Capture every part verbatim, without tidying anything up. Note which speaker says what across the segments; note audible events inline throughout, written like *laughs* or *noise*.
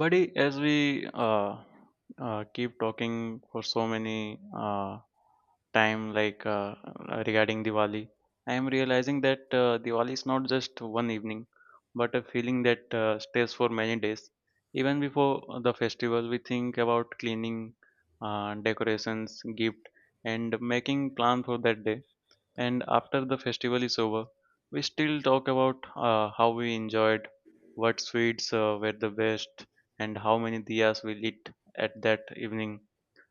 Speaker 1: Buddy, as we uh, uh, keep talking for so many uh, time, like uh, regarding Diwali, I am realizing that uh, Diwali is not just one evening, but a feeling that uh, stays for many days. Even before the festival, we think about cleaning, uh, decorations, gift, and making plan for that day. And after the festival is over, we still talk about uh, how we enjoyed, what sweets uh, were the best, and how many diyas we lit at that evening.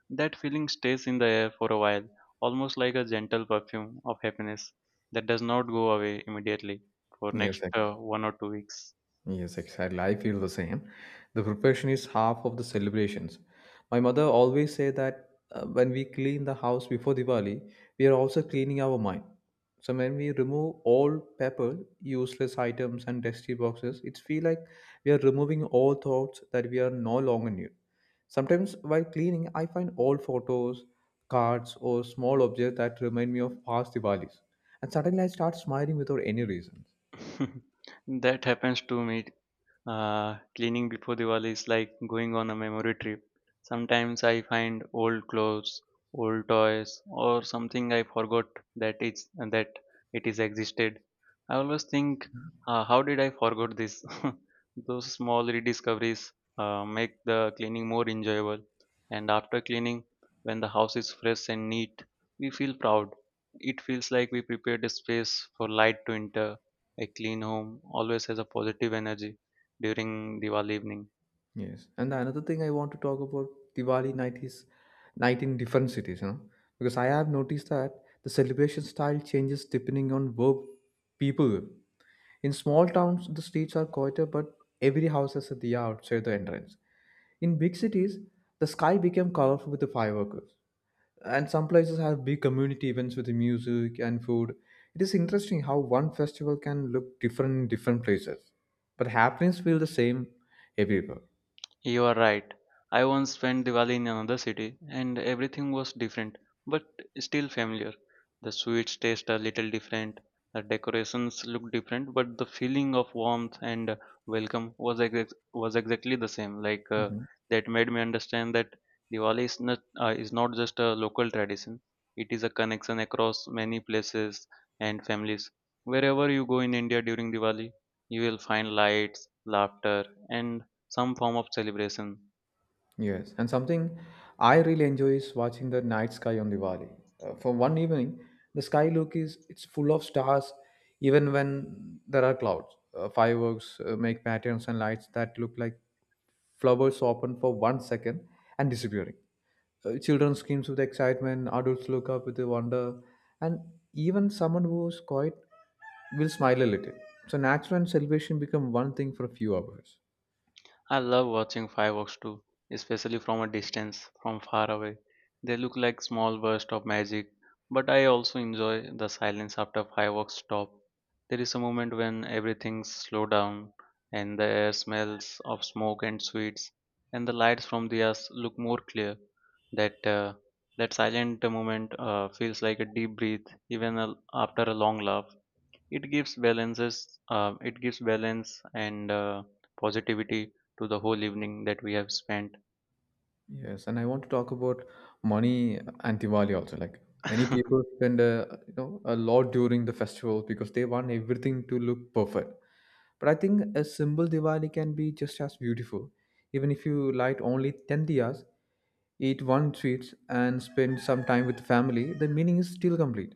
Speaker 1: That feeling stays in the air for a while, almost like a gentle perfume of happiness that does not go away immediately for
Speaker 2: Yes,
Speaker 1: next uh,
Speaker 2: ex-
Speaker 1: one or two weeks.
Speaker 2: yes, exactly. I feel the same. The preparation is half of the celebrations. My mother always say that uh, when we clean the house before Diwali, we are also cleaning our mind. So when we remove all paper, useless items, and dusty boxes, it feel like we are removing all thoughts that we are no longer need. Sometimes while cleaning, I find old photos, cards, or small objects that remind me of past Diwalis, and suddenly I start smiling without any reason.
Speaker 1: *laughs* That happens to me. Uh, cleaning before Diwali is like going on a memory trip. Sometimes I find old clothes, old toys, or something I forgot that it's that it is existed. I always think, uh, how did I forget this? *laughs* Those small rediscoveries uh, make the cleaning more enjoyable. And after cleaning, when the house is fresh and neat, we feel proud. It feels like we prepared a space for light to enter. A clean home always has a positive energy during Diwali evening.
Speaker 2: Yes, and another thing I want to talk about Diwali night is night in different cities, you know, because I have noticed that the celebration style changes depending on where people live. In small towns, the streets are quieter, but every house has a diya outside the entrance. In big cities, the sky became colorful with the fireworks, and some places have big community events with the music and food. It is interesting how one festival can look different in different places, but happenings feel the same everywhere.
Speaker 1: You are right. I once spent Diwali in another city and everything was different, but still familiar. The sweets taste a little different, the decorations look different, but the feeling of warmth and uh, welcome was ex- was exactly the same. Like uh,
Speaker 2: Mhm.
Speaker 1: that made me understand that Diwali is not uh, is not just a local tradition. It is a connection across many places and families. Wherever you go in India during Diwali, you will find lights, laughter, and some form of celebration.
Speaker 2: Yes, and something I really enjoy is watching the night sky on Diwali. Uh, for one evening, the sky look is it's full of stars, even when there are clouds. Uh, fireworks uh, make patterns and lights that look like flowers open for one second and disappearing. Uh, children screams with excitement, adults look up with wonder, and even someone who's quiet will smile a little. So natural and celebration become one thing for a few hours.
Speaker 1: I love watching fireworks too, especially from a distance, from far away. They look like small bursts of magic, but I also enjoy the silence after fireworks stop. There is a moment when everything slows down and the air smells of smoke and sweets, and the lights from the us look more clear. That uh, that silent moment uh, feels like a deep breath, even a, after a long laugh. it gives balances uh, it gives balance and uh, positivity to the whole evening that we have spent.
Speaker 2: Yes, and I want to talk about money and Diwali also. Like many
Speaker 1: *laughs*
Speaker 2: people spend a, you know a lot during the festival because they want everything to look perfect. But I think a simple Diwali can be just as beautiful. Even if you light only ten diyas, eat one sweets and spend some time with family, the meaning is still complete.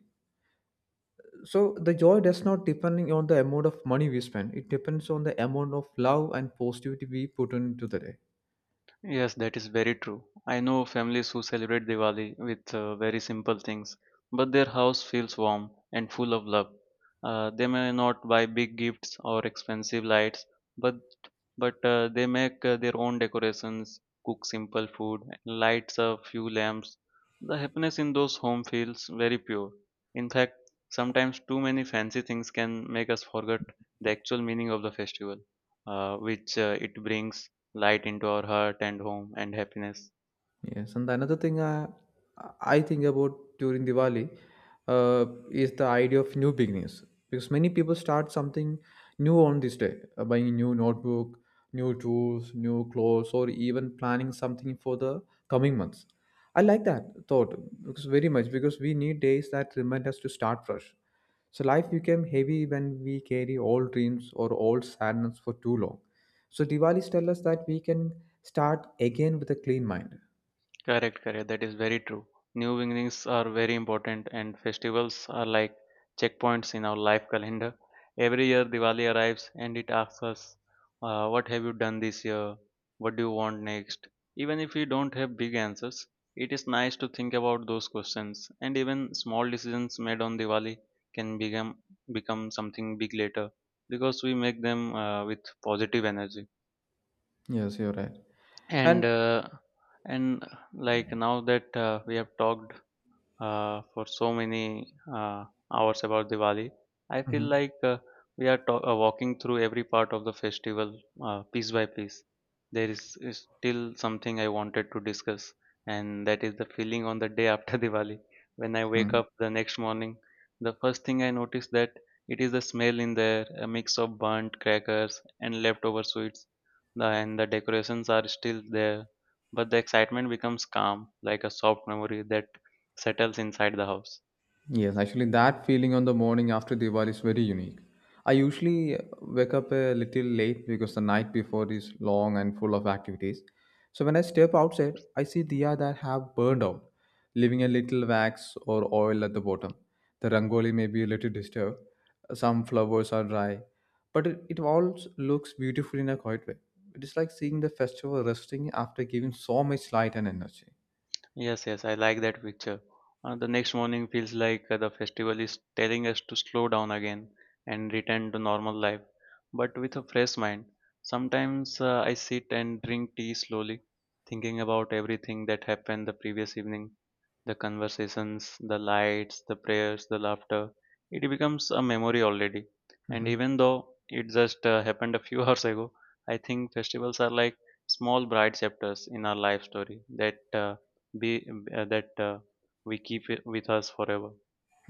Speaker 2: So the joy does not depend on the amount of money we spend. It depends on the amount of love and positivity we put into the day.
Speaker 1: Yes, that is very true. I know families who celebrate Diwali with uh, very simple things, but their house feels warm and full of love. Uh, they may not buy big gifts or expensive lights, but but uh, they make uh, their own decorations, cook simple food, lights a few lamps. The happiness in those home feels very pure. In fact, sometimes too many fancy things can make us forget the actual meaning of the festival, uh, which uh, it brings light into our heart and home and happiness.
Speaker 2: Yes, and another thing I, I think about during Diwali uh, is the idea of new beginnings because many people start something new on this day, uh, buying a new notebook, new tools, new clothes, or even planning something for the coming months. I like that thought because very much because we need days that remind us to start fresh. So life became heavy when we carry old dreams or old sadness for too long. So Diwali's tell us that we can start again with a clean mind.
Speaker 1: Correct, correct. That is very true. New beginnings are very important, and festivals are like checkpoints in our life calendar. Every year, Diwali arrives and it asks us, uh, what have you done this year? What do you want next? Even if we don't have big answers, it is nice to think about those questions, and even small decisions made on Diwali can become, become something big later because we make them uh, with positive energy.
Speaker 2: Yes, you're right.
Speaker 1: and
Speaker 2: And
Speaker 1: uh, and like now that uh, we have talked uh, for so many uh, hours about Diwali. I feel
Speaker 2: Mhm,
Speaker 1: like uh, we are to- uh, walking through every part of the festival, uh, piece by piece. There is, is still something I wanted to discuss, and that is the feeling on the day after *laughs* Diwali. When I wake
Speaker 2: mhm.
Speaker 1: up the next morning, the first thing I notice that it is the smell in there, a mix of burnt crackers and leftover sweets. The- and the decorations are still there, but the excitement becomes calm, like a soft memory that settles inside the house.
Speaker 2: Yes, actually, that feeling on the morning after Diwali is very unique. I usually uh, wake up a little late because the night before is long and full of activities. So when I step outside, I see diya that have burned out, leaving a little wax or oil at the bottom. The rangoli may be a little disturbed. Some flowers are dry, but it, it all looks beautiful in a quiet way. It is like seeing the festival resting after giving so much light and energy.
Speaker 1: Yes, yes, I like that picture. Uh, the next morning feels like uh, the festival is telling us to slow down again and return to normal life, but with a fresh mind. Sometimes uh, I sit and drink tea slowly, thinking about everything that happened the previous evening. The conversations, the lights, the prayers, the laughter, it becomes a memory already. And even though it just uh, happened a few *laughs* hours ago, I think festivals are like small bright chapters in our life story that uh, be uh, that uh, we keep it with us forever.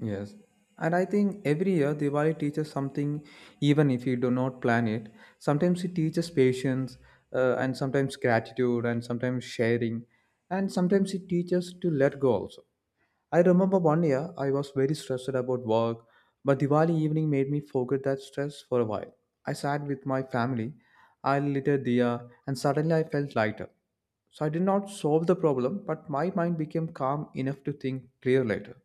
Speaker 2: Yes. And I think every year Diwali teaches something, even if you do not plan it. Sometimes it teaches patience, uh, and sometimes gratitude, and sometimes sharing, and sometimes it teaches to let go also. I remember one year I was very stressed about work, but Diwali evening made me forget that stress for a while. I sat with my family, I lit a diya, and suddenly I felt lighter. So I did not solve the problem, but my mind became calm enough to think clear later.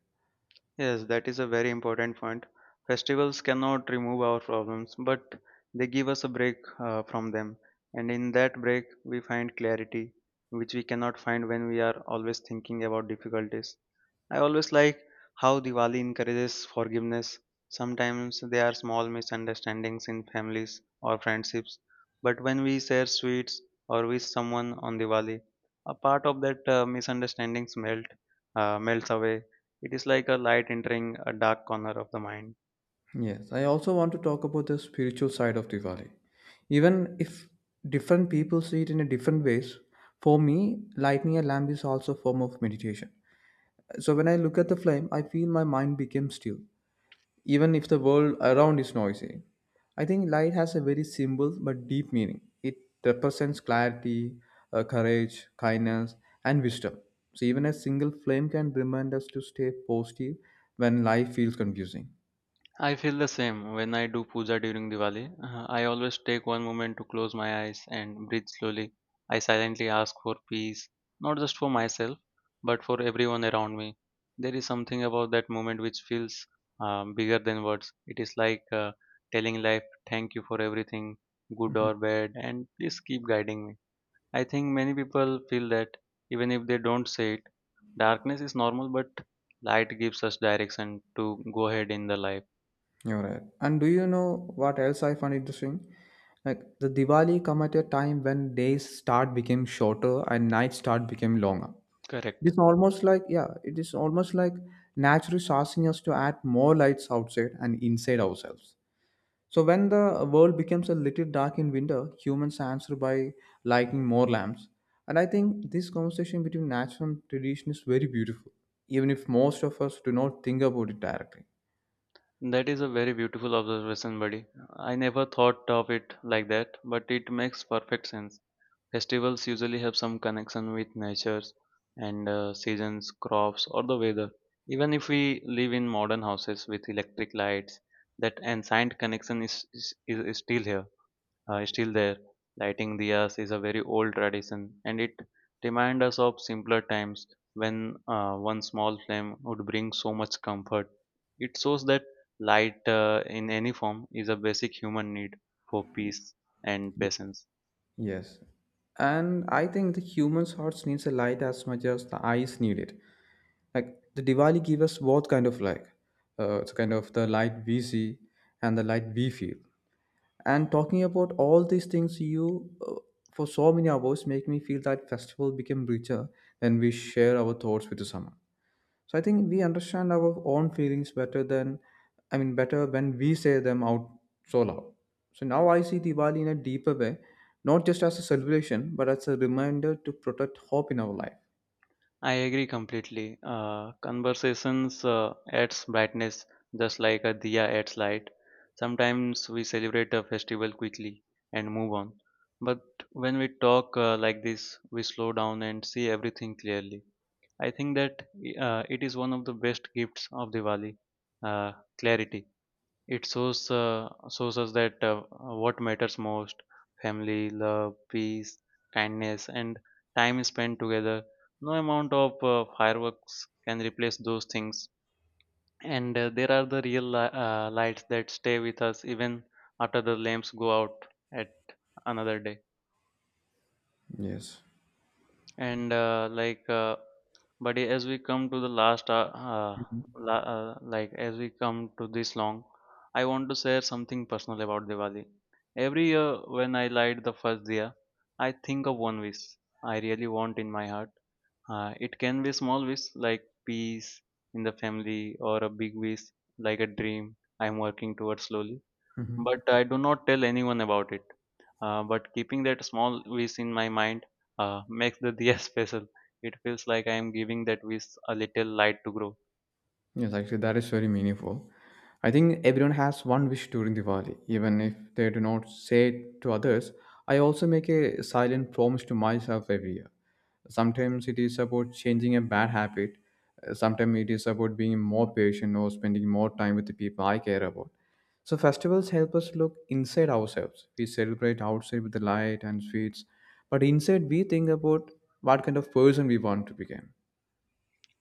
Speaker 1: Yes, that is a very important point. Festivals cannot remove our problems, but they give us a break uh, from them. And in that break, we find clarity, which we cannot find when we are always thinking about difficulties. I always like how Diwali encourages forgiveness. Sometimes there are small misunderstandings in families or friendships, but when we share sweets or wish someone on Diwali, a part of that uh, misunderstandings melt uh, melts away. It is like a light entering a dark corner of the mind.
Speaker 2: Yes, I also want to talk about the spiritual side of Diwali. Even if different people see it in a different ways, for me, lighting a lamp is also a form of meditation. So when I look at the flame, I feel my mind becomes still, even if the world around is noisy. I think light has a very simple but deep meaning. It represents clarity, uh, courage, kindness, and wisdom. So even a single flame can remind us to stay positive when life feels confusing.
Speaker 1: I feel the same when I do puja during Diwali. Uh, I always take one moment to close my eyes and breathe slowly. I silently ask for peace, not just for myself, but for everyone around me. There is something about that moment which feels um, bigger than words. It is like, uh, telling life, thank you for everything, good
Speaker 2: Mm-hmm.
Speaker 1: or bad, and please keep guiding me. I think many people feel that even if they don't say it, darkness is normal, but light gives us direction to go ahead in the life.
Speaker 2: You're right. And do you know what else I find interesting? Like the Diwali come at a time when days start became shorter and nights start became longer. It
Speaker 1: Correct.
Speaker 2: is almost like yeah, it is almost like nature is asking us to add more lights outside and inside ourselves. So when the world becomes a little dark in winter, humans answer by lighting more lamps. And I think this conversation between nature and tradition is very beautiful, even if most of us do not think about it directly.
Speaker 1: That is a very beautiful observation, buddy. I never thought of it like that, but it makes perfect sense. Festivals usually have some connection with natures and uh, seasons, crops, or the weather. Even if we live in modern houses with electric lights, that ancient connection is, is, is is still here, uh, is still there. Lighting diyas is a very old tradition, and it reminds us of simpler times when uh, one small flame would bring so much comfort. It shows that light, uh, in any form, is a basic human need for peace and patience.
Speaker 2: Yes. And I think the human hearts needs a light as much as the eyes need it. Like the Diwali give us both kind of like uh, it's kind of the light we see and the light we feel. And talking about all these things you uh, for so many hours make me feel that festival became richer when we share our thoughts with someone. So I think we understand our own feelings better than, I mean, better when we say them out so loud. So now I see Diwali in a deeper way, not just as a celebration, but as a reminder to protect hope in our life.
Speaker 1: I agree completely. Uh, conversations uh, adds brightness just like a diya adds light. Sometimes we celebrate a festival quickly and move on. But when we talk uh, like this, we slow down and see everything clearly. I think that uh, it is one of the best gifts of Diwali, uh, clarity. It shows uh, shows us that uh, what matters most: family, love, peace, kindness, and time spent together. No amount of uh, fireworks can replace those things. And uh, there are the real li- uh, lights that stay with us even after the lamps go out at another day.
Speaker 2: Yes.
Speaker 1: And uh, like uh, but as we come to the last uh, uh,
Speaker 2: Mhm.
Speaker 1: la- uh, like as we come to this long, I want to share something personal about Diwali. Every year, when I light the first diya, I think of one wish I really want in my heart. Uh, it can be a small wish like peace in the family, or a big wish like a dream I'm working towards slowly. But
Speaker 2: Mhm.
Speaker 1: I do not tell anyone about it. Uh, but keeping that small wish in my mind, uh, *laughs* makes the diya *laughs* special. It feels like I am giving that wish a little light to grow.
Speaker 2: Yes, actually, that is very meaningful. I think everyone has one wish during Diwali, even if they do not say it to others. I also make a silent promise to myself every year. Sometimes it is about changing a bad habit, uh, sometimes it is about being more patient or spending more time with the people I care about. So, festivals help us look inside ourselves. We celebrate outside with the light and sweets, but inside we think about what kind of person we want to become.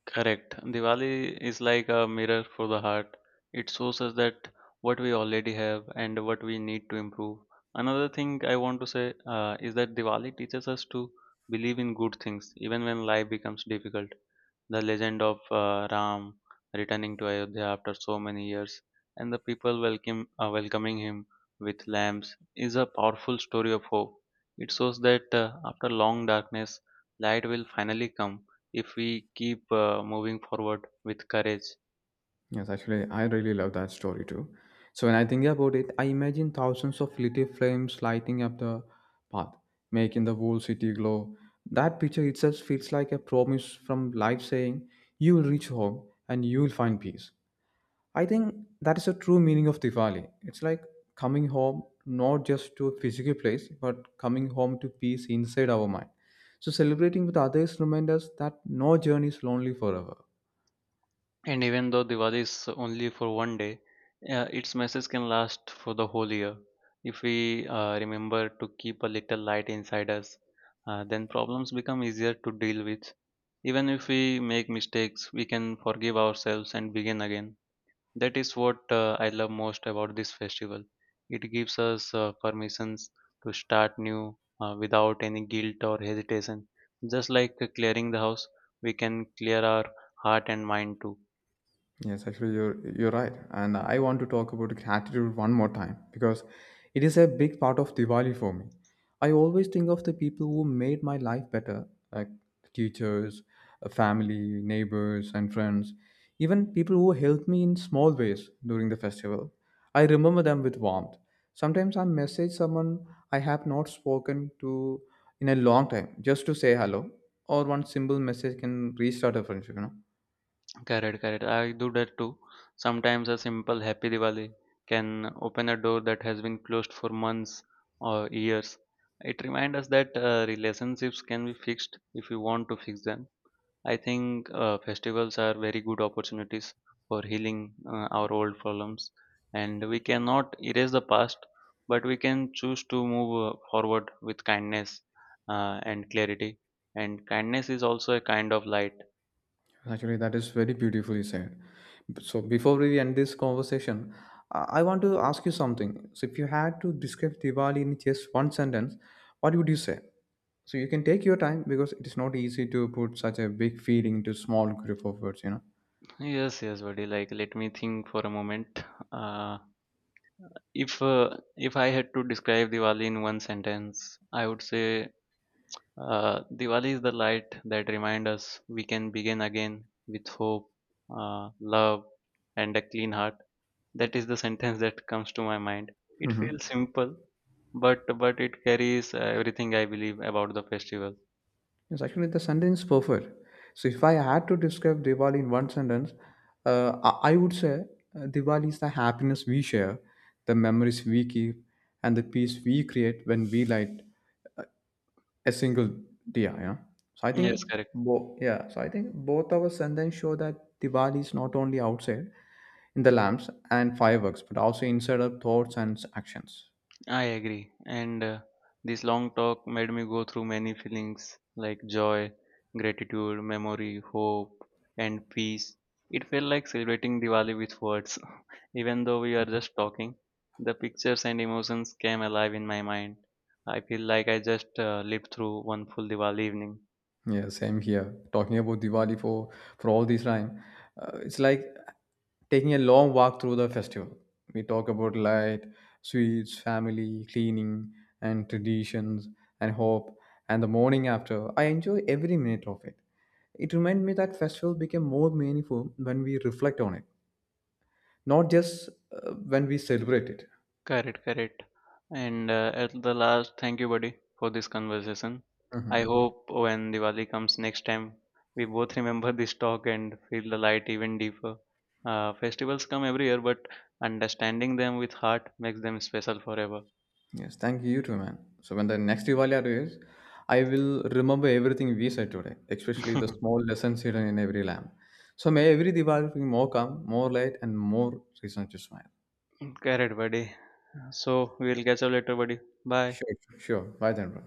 Speaker 1: Correct. Diwali is like a mirror for the heart. It shows us that what we already have and what we need to improve. Another thing I want to say uh, is that Diwali teaches us to believe in good things even when life becomes difficult. The legend of uh, Ram returning to Ayodhya after so many years and the people welcome, uh, welcoming him with lamps is a powerful story of hope. It shows that uh, after long darkness, light will finally come if we keep uh, moving forward with courage.
Speaker 2: Yes, actually, I really love that story too. So when I think about it, I imagine thousands of little flames lighting up the path, making the whole city glow. That picture itself feels like a promise from life saying, "You will reach home and you will find peace." I think that is the true meaning of Diwali. It's like coming home, not just to a physical place, but coming home to peace inside our mind. So celebrating with others reminds us that no journey is lonely forever.
Speaker 1: And even though Diwali is only for one day, uh, its message can last for the whole year. If we uh, remember to keep a little light inside us, uh, then problems become easier to deal with. Even if we make mistakes, we can forgive ourselves and begin again. That is what uh, I love most about this festival. It gives us uh, permissions to start new uh, without any guilt or hesitation. Just like uh, clearing the house, we can clear our heart and mind too.
Speaker 2: Yes, actually, you're you're right, and I want to talk about gratitude one more time because it is a big part of Diwali for me. I always think of the people who made my life better, like teachers, uh, family, neighbors, and friends, even people who helped me in small ways during the festival. I remember them with warmth. Sometimes I message someone I have not spoken to in a long time just to say hello, or one simple message can restart a friendship. You know
Speaker 1: Correct, correct. I do that too. Sometimes a simple happy Diwali can open a door that has been closed for months or years. It reminds us that uh, relationships can be fixed if we want to fix them. I think uh, festivals are very good opportunities for healing uh, our old problems, and we cannot erase the past, but we can choose to move uh, forward with kindness uh, and clarity. And kindness is also a kind of light.
Speaker 2: actually, that is very beautifully said. B- So, before we end this conversation, I I want to ask you something. So, if you had to describe Diwali in just one sentence, what would you say? So, you can take your time because it is not easy to put such a big feeling into small group of words, you know.
Speaker 1: Yes, yes, buddy. Like, let me think for a moment. Uh, if uh, if I had to describe Diwali in one sentence, I would say uh, Diwali is the light that reminds us we can begin again with hope, uh, love, and a clean heart. That is the sentence that comes to my mind. It feels
Speaker 2: Mm-hmm.
Speaker 1: simple, but but it carries uh, everything I believe about the festival.
Speaker 2: Yes, actually, the sentence is perfect. So, if I had to describe Diwali in one sentence, uh, I I would say uh, Diwali is the happiness we share, the memories we keep, and the peace we create when we light a single dia. Yeah so i think
Speaker 1: Yes, correct.
Speaker 2: bo- yeah so I think both our sentence show that diwali is not only outside in the lamps and fireworks but also inside our thoughts and actions.
Speaker 1: I agree. And uh, this long talk made me go through many feelings like joy, gratitude, memory, hope, and peace. It felt like celebrating Diwali with words. *laughs* Even though we are just talking, the pictures and emotions came alive in my mind. I feel like I just uh, lived through one full Diwali evening.
Speaker 2: Yeah, same here. Talking about Diwali for for all this time, uh, it's like taking a long walk through the festival. We talk about light, sweets, family, cleaning, and traditions, and hope. And the morning after, I enjoy every minute of it. It reminds me that festival became more meaningful when we reflect on it, not just uh, when we celebrate it.
Speaker 1: Correct, correct. And uh, at the last, thank you, buddy, for this conversation. I
Speaker 2: Mhm.
Speaker 1: hope when Diwali comes next time, we both remember *laughs* this talk and feel the light even deeper. Uh, festivals come every year, but understanding them with heart makes them special forever.
Speaker 2: Yes, thank you, you too, man. So when the next Diwali arrives, I will remember everything we said today, especially
Speaker 1: *laughs*
Speaker 2: the small lessons hidden in every lamp. So may every Diwali bring more calm, more light, and more reason to smile.
Speaker 1: Correct, buddy. So we'll catch up later, buddy. Bye.
Speaker 2: Sure, sure. Bye then, bro.